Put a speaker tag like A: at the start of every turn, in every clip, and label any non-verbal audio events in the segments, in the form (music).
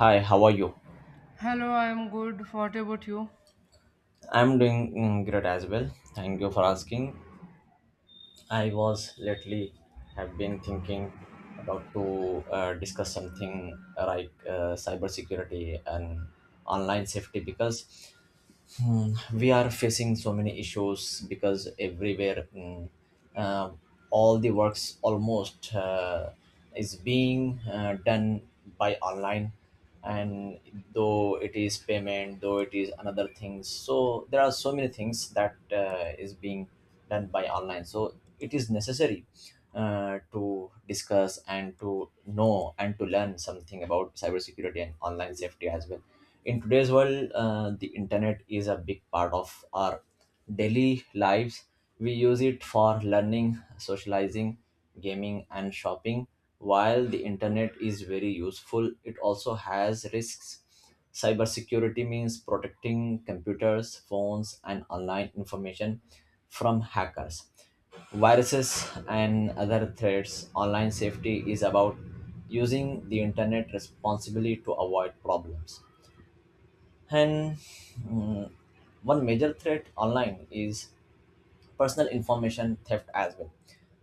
A: Hi, how are you?
B: Hello, I'm good. What about you?
A: I'm doing great as well. Thank you for asking. I was lately have been thinking about to discuss something like cybersecurity and online safety because we are facing so many issues because everywhere uh, all the works almost is being done by online, and though it is payment, though it is another things, so there are so many things that is being done by online. So it is necessary to discuss and to know and to learn something about cybersecurity and online safety as well. In today's world, the internet is a big part of our daily lives. We use it for learning, socializing, gaming and shopping. While the internet is very useful, it also has risks. Cybersecurity means protecting computers, phones, and online information from hackers, viruses, and other threats. Online safety is about using the internet responsibly to avoid problems. And mm, one major threat online is personal information theft as well.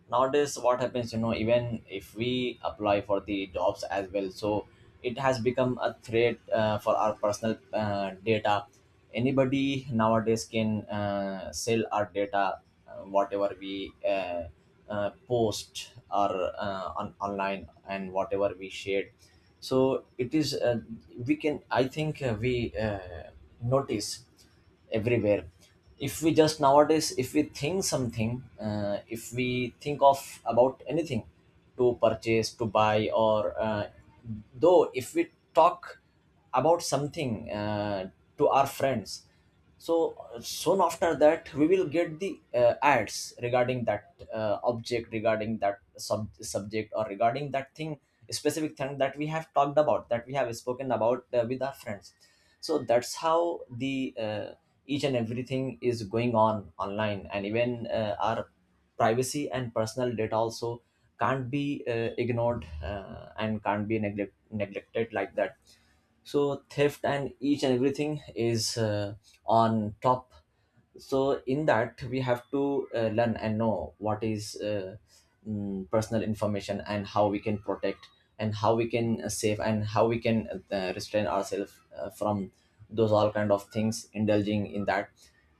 A: Nowadays, what happens, you know, even if we apply for the jobs as well, so it has become a threat for our personal data. Anybody nowadays can sell our data, whatever we post or on online, and whatever we shared. So it is we can, I think, we notice everywhere, if we just nowadays, if we think something, if we think of about anything to purchase, to buy, or though if we talk about something, to our friends, so soon after that we will get the ads regarding that object, regarding that subject, or regarding that thing, specific thing that we have talked about, that we have spoken about with our friends. So that's how the each and everything is going on online, and even our privacy and personal data also can't be ignored and can't be neglected like that. So theft and each and everything is on top. So in that, we have to learn and know what is personal information and how we can protect and how we can save and how we can restrain ourselves from those all kind of things indulging in that.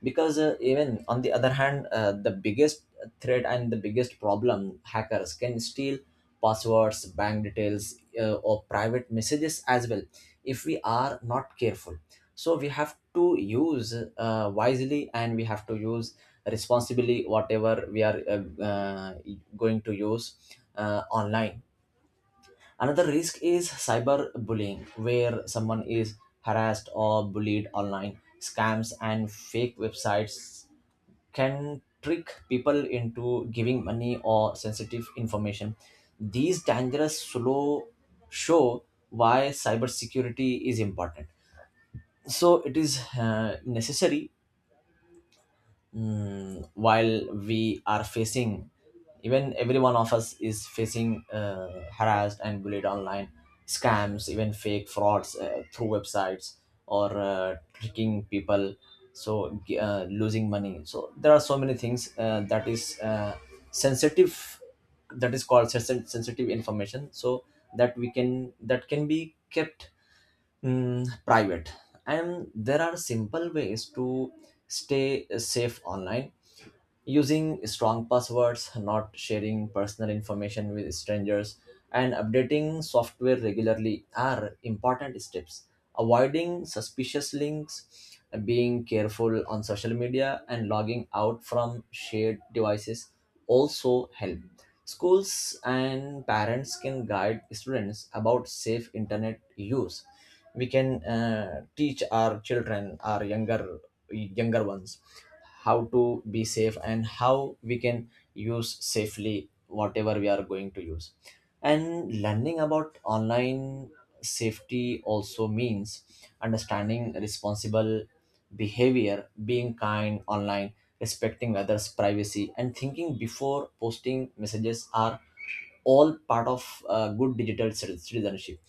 A: Because even on the other hand, the biggest threat and the biggest problem, hackers can steal passwords, bank details, or private messages as well, if we are not careful. So we have to use wisely, and we have to use responsibly whatever we are going to use online. Another risk is cyberbullying, where someone is harassed or bullied online. Scams and fake websites can trick people into giving money or sensitive information. These dangerous slow show why cybersecurity is important. So it is necessary, while we are facing, even every one of us is facing harassed and bullied online, scams, even fake frauds through websites, or tricking people, so losing money. So there are so many things that is sensitive, that is called sensitive information, so that we can, that can be kept private. And there are simple ways to stay safe online. Using strong passwords, not sharing personal information with strangers, and updating software regularly are important steps. Avoiding suspicious links, being careful on social media, and logging out from shared devices also help. Schools and parents can guide students about safe internet use. We can teach our children, our younger ones, how to be safe and how we can use safely whatever we are going to use. And learning about online safety also means understanding responsible behavior, being kind online, respecting others privacy, and thinking before posting messages, or all part of good digital citizenship.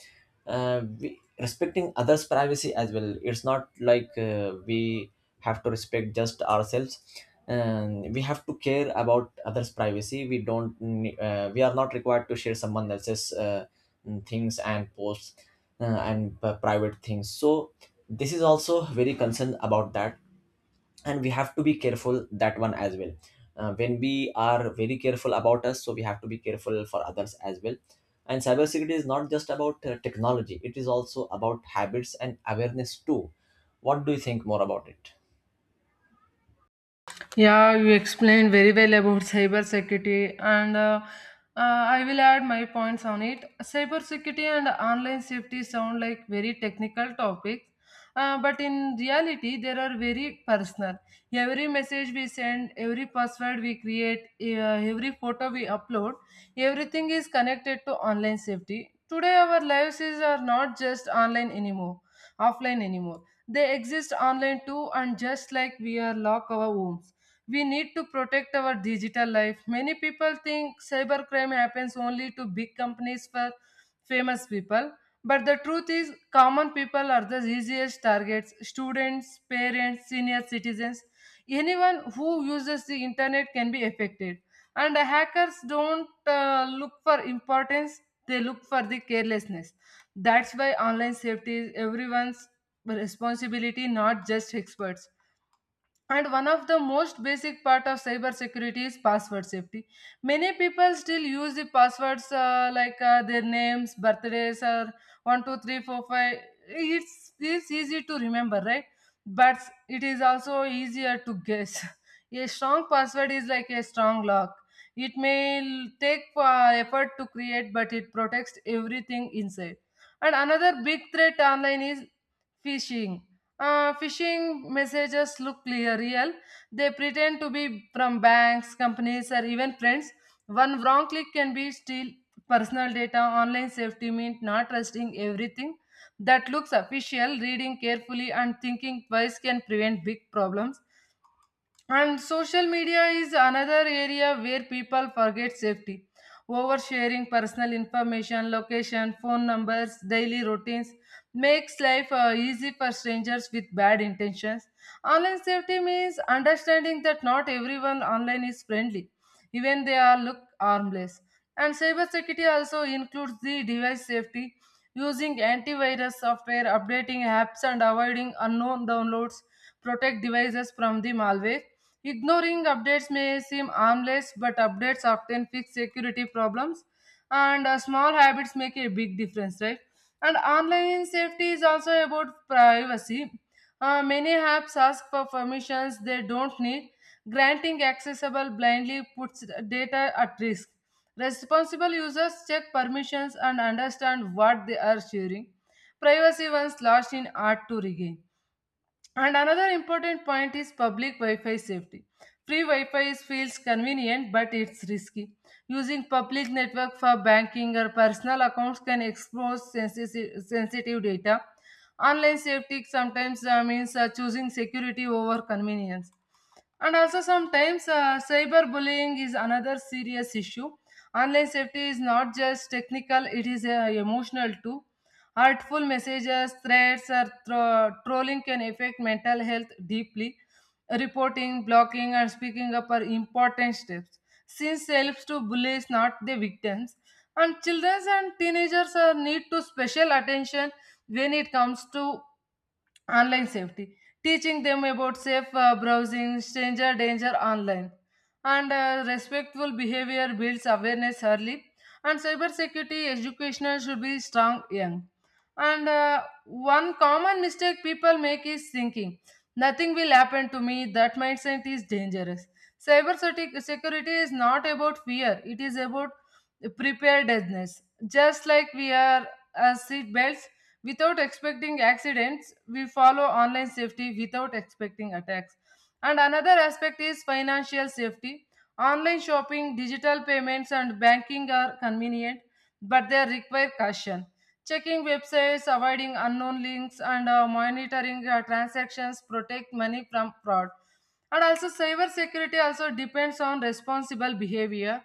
A: We, respecting others privacy as well, it's not like we have to respect just ourselves, and we have to care about others privacy. We don't we are not required to share someone else's things and posts, and private things. So this is also very concerned about that, and we have to be careful that one as well. When we are very careful about us, so we have to be careful for others as well. And cybersecurity is not just about technology, it is also about habits and awareness too. What do you think more about it?
B: Yeah, you explained very well about cybersecurity, and I will add my points on it. Cybersecurity and online safety sound like very technical topics, but in reality, they are very personal. Every message we send, every password we create, every photo we upload, everything is connected to online safety. Today, our lives is are not just online anymore, offline anymore. They exist online too, and just like we are lock our homes, we need to protect our digital life. Many people think cybercrime happens only to big companies for famous people. But the truth is, common people are the easiest targets: students, parents, senior citizens. Anyone who uses the internet can be affected. And hackers don't look for importance, they look for the carelessness. That's why online safety is everyone's responsibility, not just experts, and one of the most basic part of cybersecurity is password safety. Many people still use the passwords like their names, birthdays, or 1 2 3 4 5. It's easy to remember, right? But it is also easier to guess. (laughs) A strong password is like a strong lock. It may take effort to create, but it protects everything inside. And another big threat online is phishing. Phishing messages look clear, real. They pretend to be from banks, companies, or even friends. One wrong click can be steal personal data. Online safety means not trusting everything that looks official. Reading carefully and thinking twice can prevent big problems. And social media is another area where people forget safety. Oversharing personal information, location, phone numbers, daily routines makes life easy for strangers with bad intentions. Online safety means understanding that not everyone online is friendly, even they are look harmless. And cybersecurity also includes the device safety, using antivirus software, updating apps, and avoiding unknown downloads protect devices from the malware. Ignoring updates may seem harmless, but updates often fix security problems, and small habits make a big difference, right? And online safety is also about privacy. Many apps ask for permissions they don't need. Granting accessible blindly puts data at risk. Responsible users check permissions and understand what they are sharing. Privacy once lost in art to regain. And another important point is public Wi-Fi safety. Free Wi-Fi is, feels convenient, but it's risky. Using public network for banking or personal accounts can expose sensitive data. Online safety sometimes means choosing security over convenience. And also, sometimes cyberbullying is another serious issue. Online safety is not just technical, it is emotional too. Hurtful messages, threats, or trolling can affect mental health deeply. Reporting, blocking, and speaking up are important steps, since it helps to bullies, not the victims. And children and teenagers are need to special attention when it comes to online safety, teaching them about safe browsing, stranger danger online, and respectful behavior builds awareness early. And cybersecurity educational should be strong young. And one common mistake people make is thinking nothing will happen to me. That mindset is dangerous. Cybersecurity is not about fear; it is about preparedness. Just like we are as seat belts without expecting accidents, we follow online safety without expecting attacks. And another aspect is financial safety. Online shopping, digital payments and banking are convenient, but they require caution: checking websites, avoiding unknown links, and monitoring transactions protect money from fraud. And also, cyber security also depends on responsible behavior.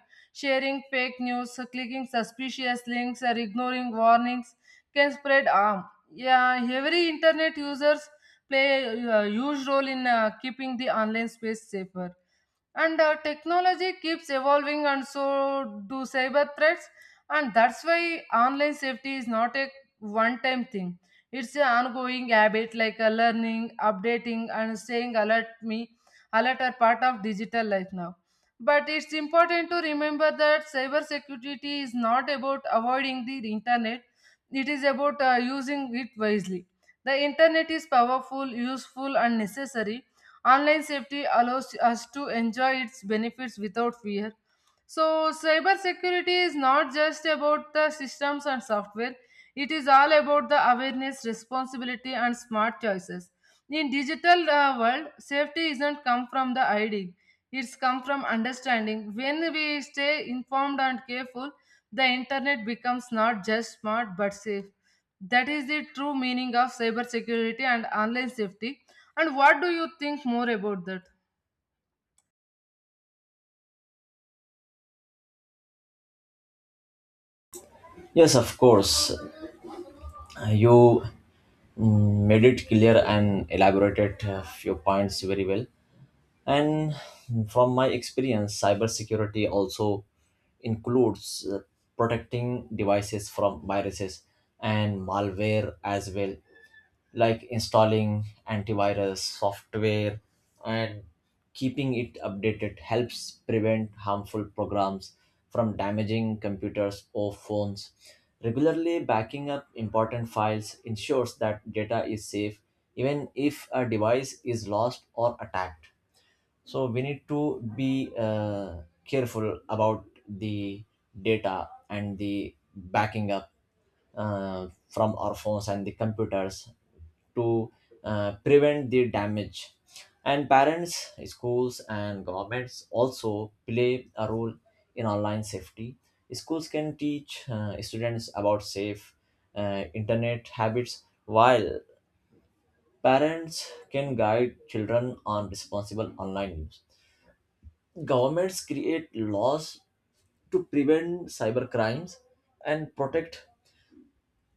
B: Sharing fake news, clicking suspicious links, or ignoring warnings can spread harm. Yeah, every internet users play a huge role in keeping the online space safer. And technology keeps evolving, and so do cyber threats, and that's why online safety is not a one time thing. It's an ongoing habit. Like learning, updating and staying alert, me alert are part of digital life now. But it's important to remember that cyber security is not about avoiding the internet, it is about using it wisely. The internet is powerful, useful and necessary. Online safety allows us to enjoy its benefits without fear. So, cybersecurity is not just about the systems and software, it is all about the awareness, responsibility, and smart choices. In digital world, safety isn't come from the ID. It's come from understanding. When we stay informed and careful, the internet becomes not just smart but safe. That is the true meaning of cybersecurity and online safety. And what do you think more about that?
A: Yes, of course. You made it clear and elaborated a few points very well. And from my experience, cybersecurity also includes protecting devices from viruses and malware as well, like installing antivirus software and keeping it updated helps prevent harmful programs from damaging computers or phones. Regularly backing up important files ensures that data is safe even if a device is lost or attacked. So we need to be careful about the data and the backing up from our phones and the computers to prevent the damage. And parents, schools and governments also play a role in online safety. Schools can teach students about safe internet habits, while parents can guide children on responsible online use. Governments create laws to prevent cyber crimes and protect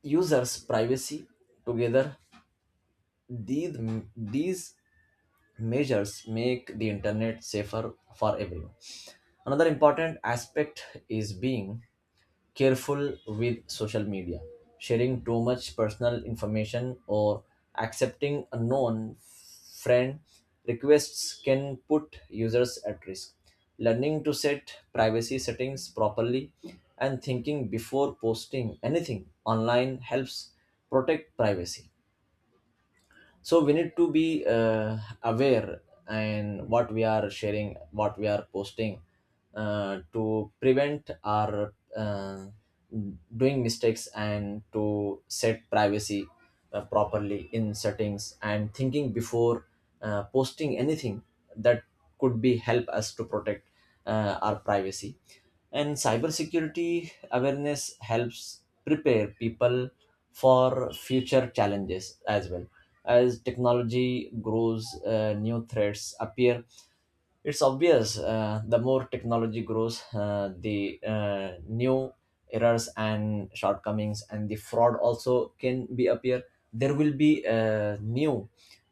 A: users' privacy. Together, these, these measures make the internet safer for everyone. Another important aspect is being careful with social media. Sharing too much personal information or accepting unknown friend requests can put users at risk. Learning to set privacy settings properly and thinking before posting anything online helps protect privacy. So we need to be aware and what we are sharing, what we are posting, to prevent our doing mistakes, and to set privacy properly in settings, and thinking before posting anything, that could be help us to protect our privacy. And cybersecurity awareness helps prepare people for future challenges as well. As technology grows, new threats appear. It's obvious, the more technology grows, the new errors and shortcomings and the fraud also can be appear. There will be new,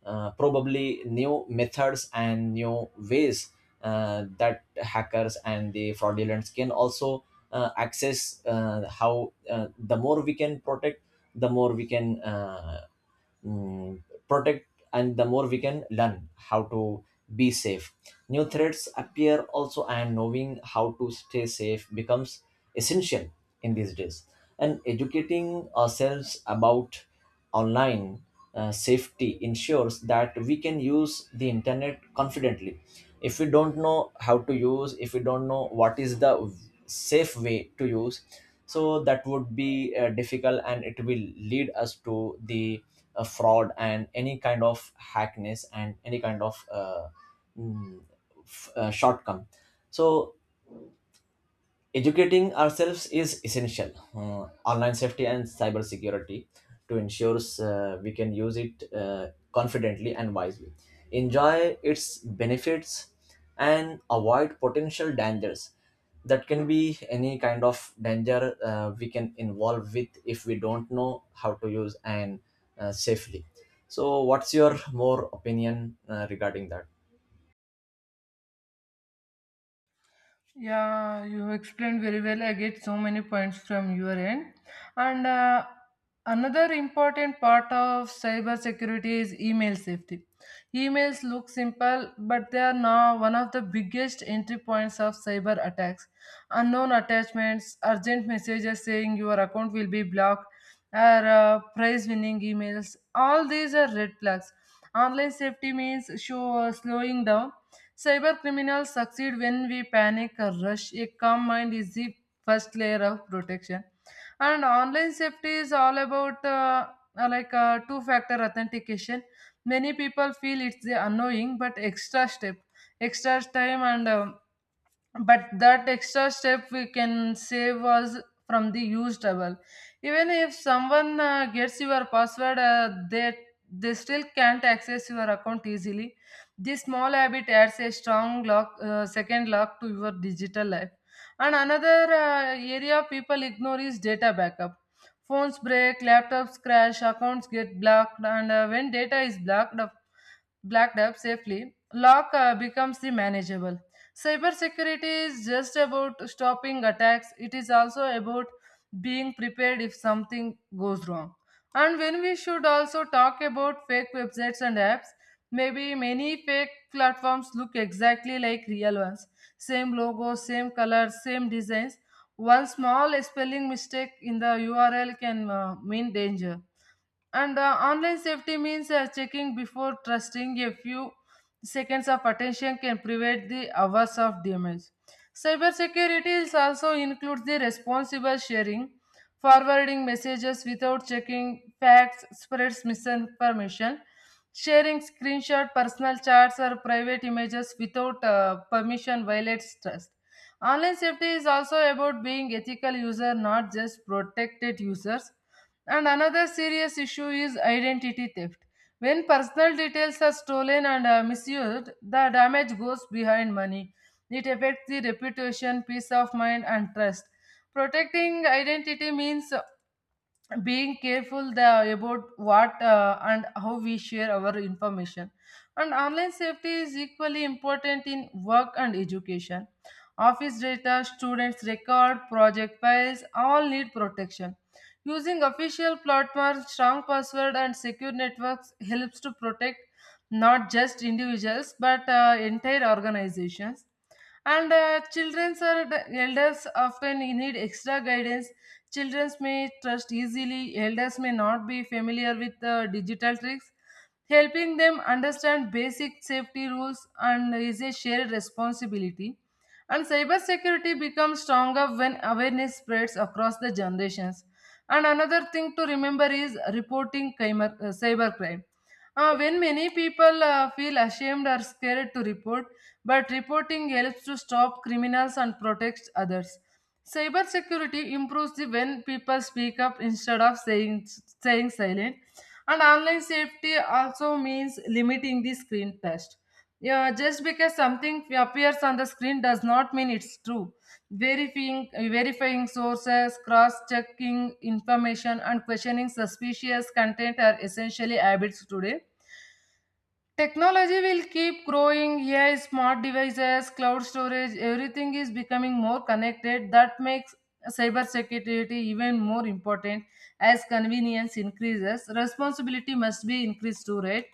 A: probably new methods and new ways that hackers and the fraudulents can also access. How the more we can protect, the more we can. Mm, Protect, and the more we can learn how to be safe. New threats appear also, and knowing how to stay safe becomes essential in these days. And educating ourselves about online safety ensures that we can use the internet confidently. If we don't know how to use, if we don't know what is the safe way to use, so that would be difficult, and it will lead us to the fraud and any kind of hackness and any kind of mm, shortcome. So educating ourselves is essential. Online safety and cyber security, to ensure we can use it confidently and wisely. Enjoy its benefits and avoid potential dangers. That can be any kind of danger we can involve with if we don't know how to use and safely. So, what's your more opinion regarding that?
B: Yeah, you explained very well. I get so many points from your end. And another important part of cyber security is email safety. Emails look simple, but they are now one of the biggest entry points of cyber attacks. Unknown attachments, urgent messages saying your account will be blocked, or prize winning emails. All these are red flags. Online safety means show slowing down. Cyber criminals succeed when we panic or rush. A calm mind is the first layer of protection. And online safety is all about like two factor authentication. Many people feel it's the annoying but extra step, extra time, and but that extra step we can save us from the huge trouble. Even if someone gets your password, they still can't access your account easily. This small habit adds a strong lock, second lock to your digital life. And another area people ignore is data backup. Phones break, laptops crash, accounts get blocked, and when data is blocked up blacked up safely, lock becomes the manageable. Cybersecurity is just about stopping attacks, it is also about being prepared if something goes wrong. And when we should also talk about fake websites and apps, maybe many fake platforms look exactly like real ones: same logo, same color, same designs. One small spelling mistake in the URL can mean danger. And online safety means checking before trusting. A few seconds of attention can prevent the hours of damage. Cybersecurity is also includes the responsible sharing. Forwarding messages without checking facts, spreads misinformation. Sharing screenshot, personal chats, or private images without permission violates trust. Online safety is also about being ethical user, not just protected users. And another serious issue is identity theft. When personal details are stolen and misused, the damage goes behind money. It affects the reputation, peace of mind, and trust. Protecting identity means being careful about what and how we share our information. And online safety is equally important in work and education. Office data, students record, project files all need protection. Using official platforms, strong password and secure networks helps to protect not just individuals but entire organizations. And children's or the elders often need extra guidance. Children may trust easily, elders may not be familiar with the digital tricks. Helping them understand basic safety rules and is a shared responsibility. And cybersecurity becomes stronger when awareness spreads across the generations. And another thing to remember is reporting cybercrime. When many people feel ashamed or scared to report, but reporting helps to stop criminals and protects others. Cybersecurity improves the when people speak up instead of saying staying silent. And online safety also means limiting the screen test. Yeah, just because something appears on the screen does not mean it's true. Verifying sources, cross-checking information, and questioning suspicious content are essentially habits today. Technology will keep growing. AI, smart devices, cloud storage, everything is becoming more connected. That makes cybersecurity even more important as convenience increases. Responsibility must be increased too. Right,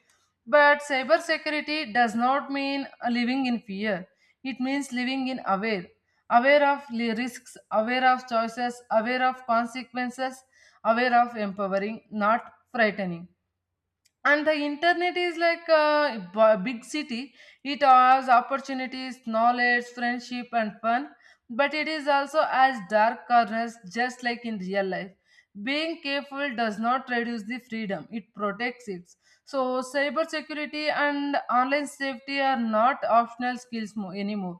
B: but cybersecurity does not mean living in fear. It means living in aware, aware of risks, aware of choices, aware of consequences, aware of empowering, not frightening. And the internet is like a big city. It has opportunities, knowledge, friendship and fun, but it is also as dark corners. Just like in real life, being careful does not reduce the freedom, it protects it. So cybersecurity and online safety are not optional skills anymore,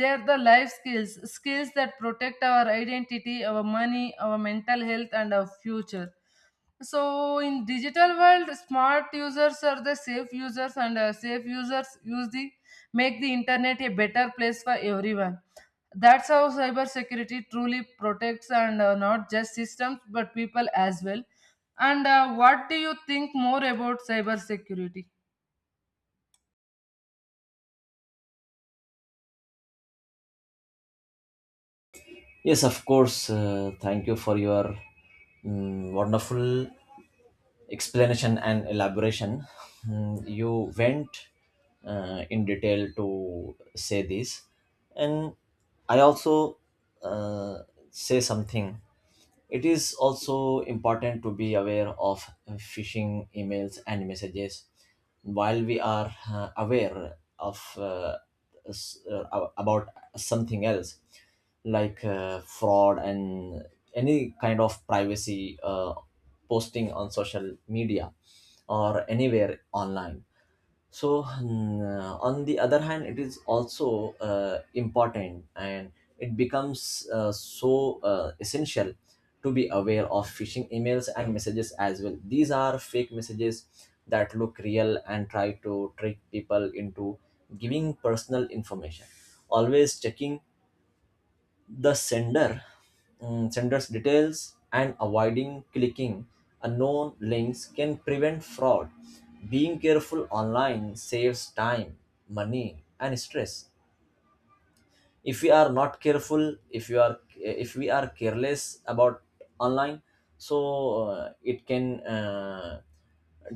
B: they are the life skills. Skills that protect our identity, our money, our mental health and our future. So in digital world, smart users are the safe users, and safe users use the make the internet a better place for everyone. That's how cybersecurity truly protects, and not just systems but people as well. And what do you think more about cybersecurity?
A: Yes, of course. Thank you for your wonderful explanation and elaboration. You went in detail to say this, and I also uh, say something. It is also important to be aware of phishing emails and messages. While we are aware of about something else, like fraud and any kind of privacy, posting on social media or anywhere online, so on the other hand, it is also important, and it becomes essential to be aware of phishing emails and messages as well. These are fake messages that look real and try to trick people into giving personal information. Always checking the sender, sender's details and avoiding clicking unknown links can prevent fraud. Being careful online saves time, money and stress. If we are not careful, if you are, if we are careless about online, so it can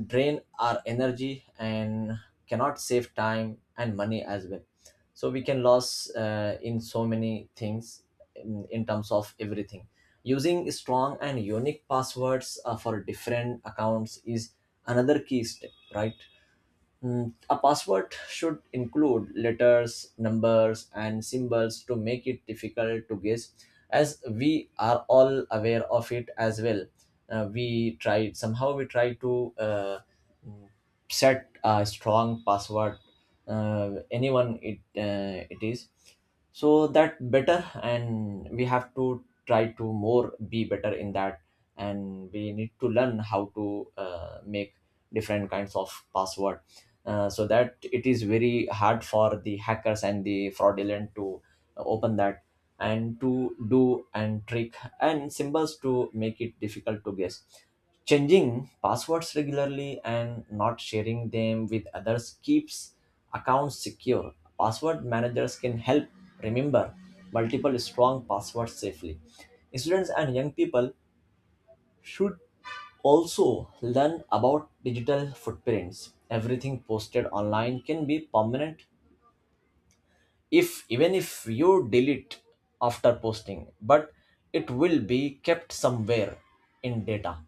A: drain our energy and cannot save time and money as well. So we can lose in so many things, in terms of everything. Using strong and unique passwords for different accounts is another key step, right? A password should include letters, numbers, and symbols to make it difficult to guess, as we are all aware of it as well. We try, somehow we try to set a strong password, anyone it it is so that better, and we have to try to more be better in that. And we need to learn how to make different kinds of password, so that it is very hard for the hackers and the fraudulent to open that, and to do and trick and symbols to make it difficult to guess. Changing passwords regularly and not sharing them with others keeps accounts secure. Password managers can help remember multiple strong passwords safely. Students and young people should also learn about digital footprints. Everything posted online can be permanent, if even if you delete after posting, but it will be kept somewhere in data,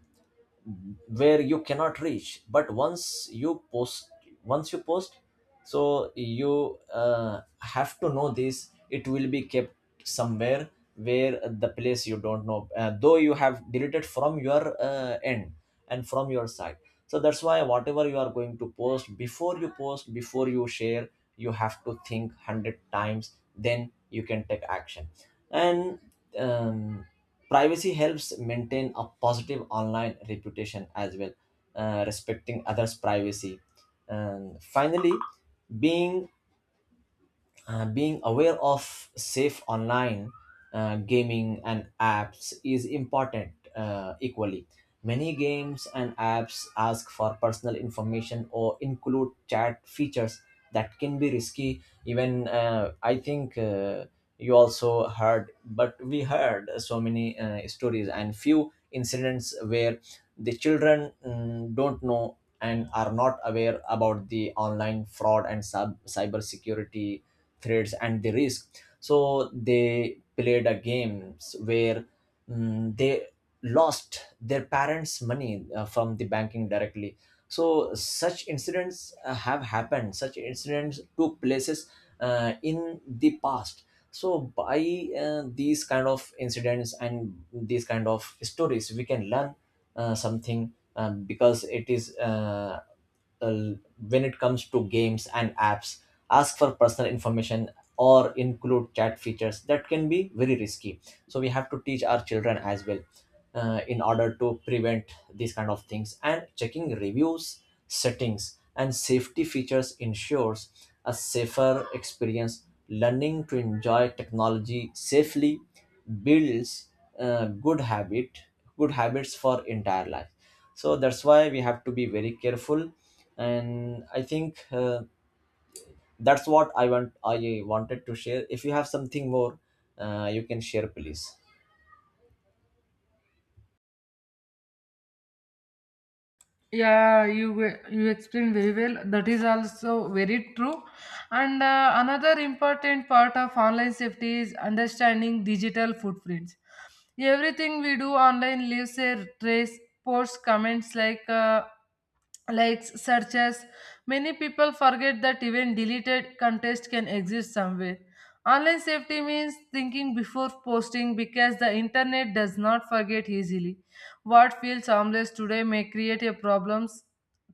A: where you cannot reach. But once you post, once you post, so you have to know this, it will be kept somewhere, where the place you don't know, though you have deleted from your end and from your side. So that's why whatever you are going to post, before you post, before you share, you have to think 100 times, then you can take action. And um, privacy helps maintain a positive online reputation as well. Respecting others privacy. And finally, being being aware of safe online gaming and apps is important equally. Many games and apps ask for personal information or include chat features that can be risky. Even I think you also heard, but we heard so many stories and few incidents where the children don't know and are not aware about the online fraud and cyber security threats and the risk. So they played a games where they lost their parents' money from the banking directly. So such incidents have happened. Such incidents took places in the past. So by these kind of incidents and these kind of stories, we can learn something, because it is. Uh, when it comes to games and apps, ask for personal information or include chat features that can be very risky. So we have to teach our children as well, in order to prevent these kind of things. And checking reviews, settings and safety features ensures a safer experience. Learning to enjoy technology safely builds uh, good habit good habits for entire life. So that's why we have to be very careful. And I think that's what I wanted to share. If you have something more, you can share please.
B: Yeah, you you explained very well. That is also very true. And another important part of online safety is understanding digital footprints. Everything we do online leaves a trace: posts, comments, likes, searches. Many people forget that even deleted contest can exist somewhere. Online safety means thinking before posting, because the internet does not forget easily. What feels harmless today may create a problems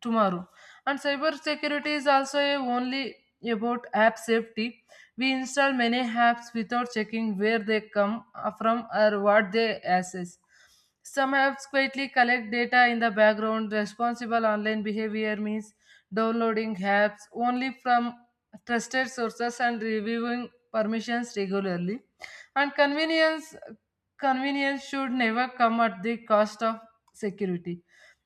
B: tomorrow. And cybersecurity is also a only about app safety. We install many apps without checking where they come from or what they access. Some apps quietly collect data in the background. Responsible online behavior means downloading apps only from trusted sources and reviewing permissions regularly. And convenience should never come at the cost of security.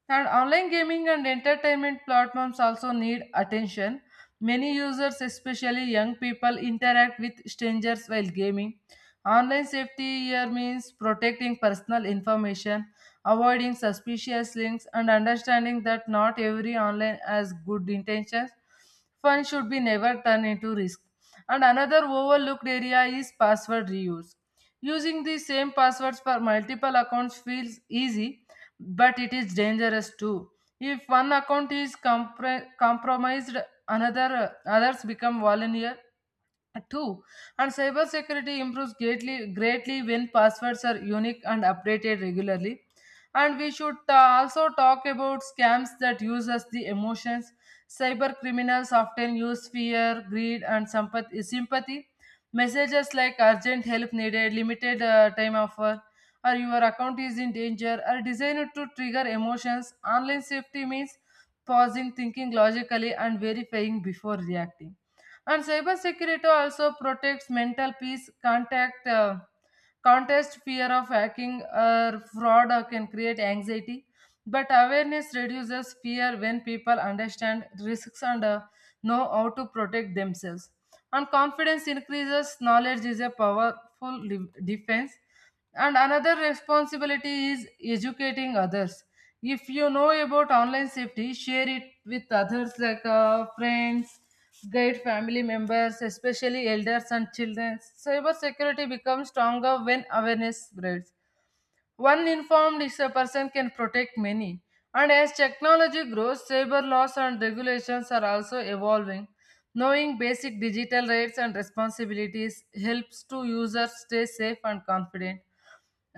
B: And online gaming and entertainment platforms also need attention. Many users, especially young people, interact with strangers while gaming. Online safety here means protecting personal information, avoiding suspicious links, and understanding that not every online has good intentions. Fun should be never turned into risk. And another overlooked area is password reuse. Using the same passwords for multiple accounts feels easy, but it is dangerous too. If one account is compromised, another others become vulnerable Two, and cybersecurity improves greatly when passwords are unique and updated regularly. And we should also talk about scams that uses the emotions. Cyber criminals often use fear, greed, and sympathy. Messages like urgent help needed, limited time offer, or your account is in danger are designed to trigger emotions. Online safety means pausing, thinking logically, and verifying before reacting, and cybersecurity also protects mental peace, contest fear of hacking or fraud or can create anxiety. But awareness reduces fear when people understand risks, and know how to protect themselves, and confidence increases. Knowledge is a powerful defense, and another responsibility is educating others. If you know about online safety, share it with others like friends. Guide family members, especially elders and children. Cyber security becomes stronger when awareness spreads. One informed is a person can protect many. And as technology grows, cyber laws and regulations are also evolving. Knowing basic digital rights and responsibilities helps to users stay safe and confident.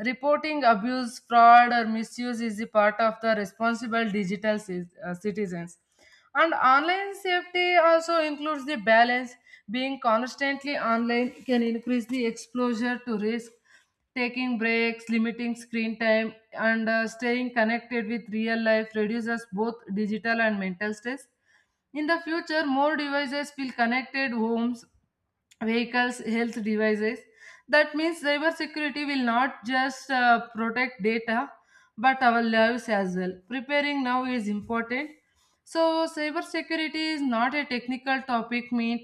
B: Reporting abuse, fraud, or misuse is the part of the responsible digital citizens. And online safety also includes the balance. Being constantly online can increase the exposure to risk. Taking breaks, limiting screen time, and staying connected with real life reduces both digital and mental stress. In the future, more devices will connected homes, vehicles, health devices. That means cyber security will not just protect data but our lives as well. Preparing now is important. So cyber security is not a technical topic meant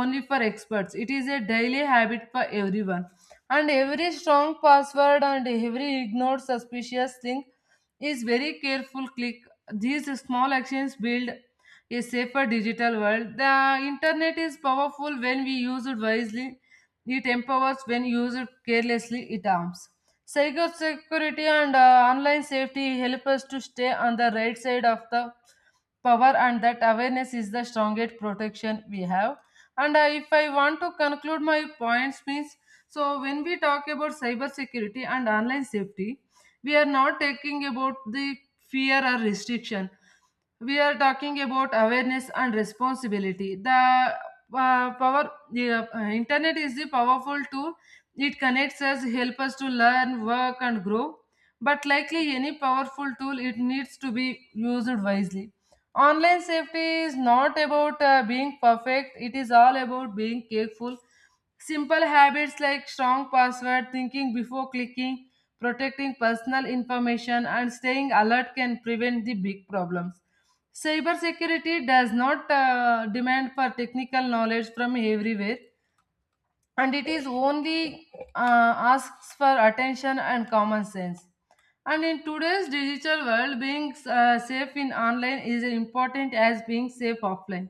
B: only for experts. It is a daily habit for everyone, and every strong password and every ignored suspicious link is very careful click. These small actions build a safer digital world. The internet is powerful when we use it wisely. It empowers. When used carelessly, it harms. Cybersecurity and online safety help us to stay on the right side of the power, and that awareness is the strongest protection we have. And If I want to conclude my points, means, so when we talk about cybersecurity and online safety, we are not talking about the fear or restriction. We are talking about awareness and responsibility. The power, the internet is the powerful tool. It connects us, help us to learn, work, and grow, but likely any powerful tool it needs to be used wisely. Online safety is not about being perfect. It is all about being careful. Simple habits like strong password, thinking before clicking, protecting personal information, and staying alert can prevent the big problems. Cybersecurity does not demand for technical knowledge from everywhere, and it is only asks for attention and common sense. And in today's digital world, being safe in online is important as being safe offline.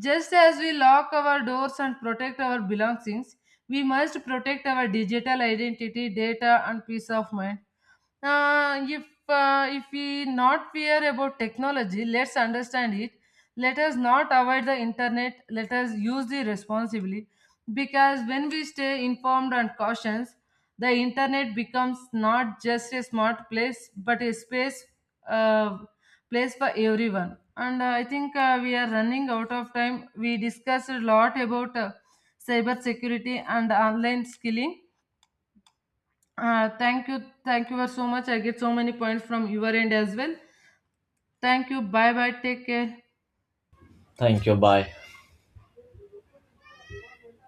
B: Just as we lock our doors and protect our belongings, we must protect our digital identity, data, and peace of mind. If if we not fear about technology, let's understand it. Let us not avoid the internet. Let us use it responsibly, because when we stay informed and cautious, the internet becomes not just a smart place but a space, uh, place for everyone. And I think we are running out of time. We discussed a lot about cyber security and online skilling. Thank you. Thank you so much. I get so many points from your end as well. Thank you. Bye bye, take care.
A: Thank you, bye.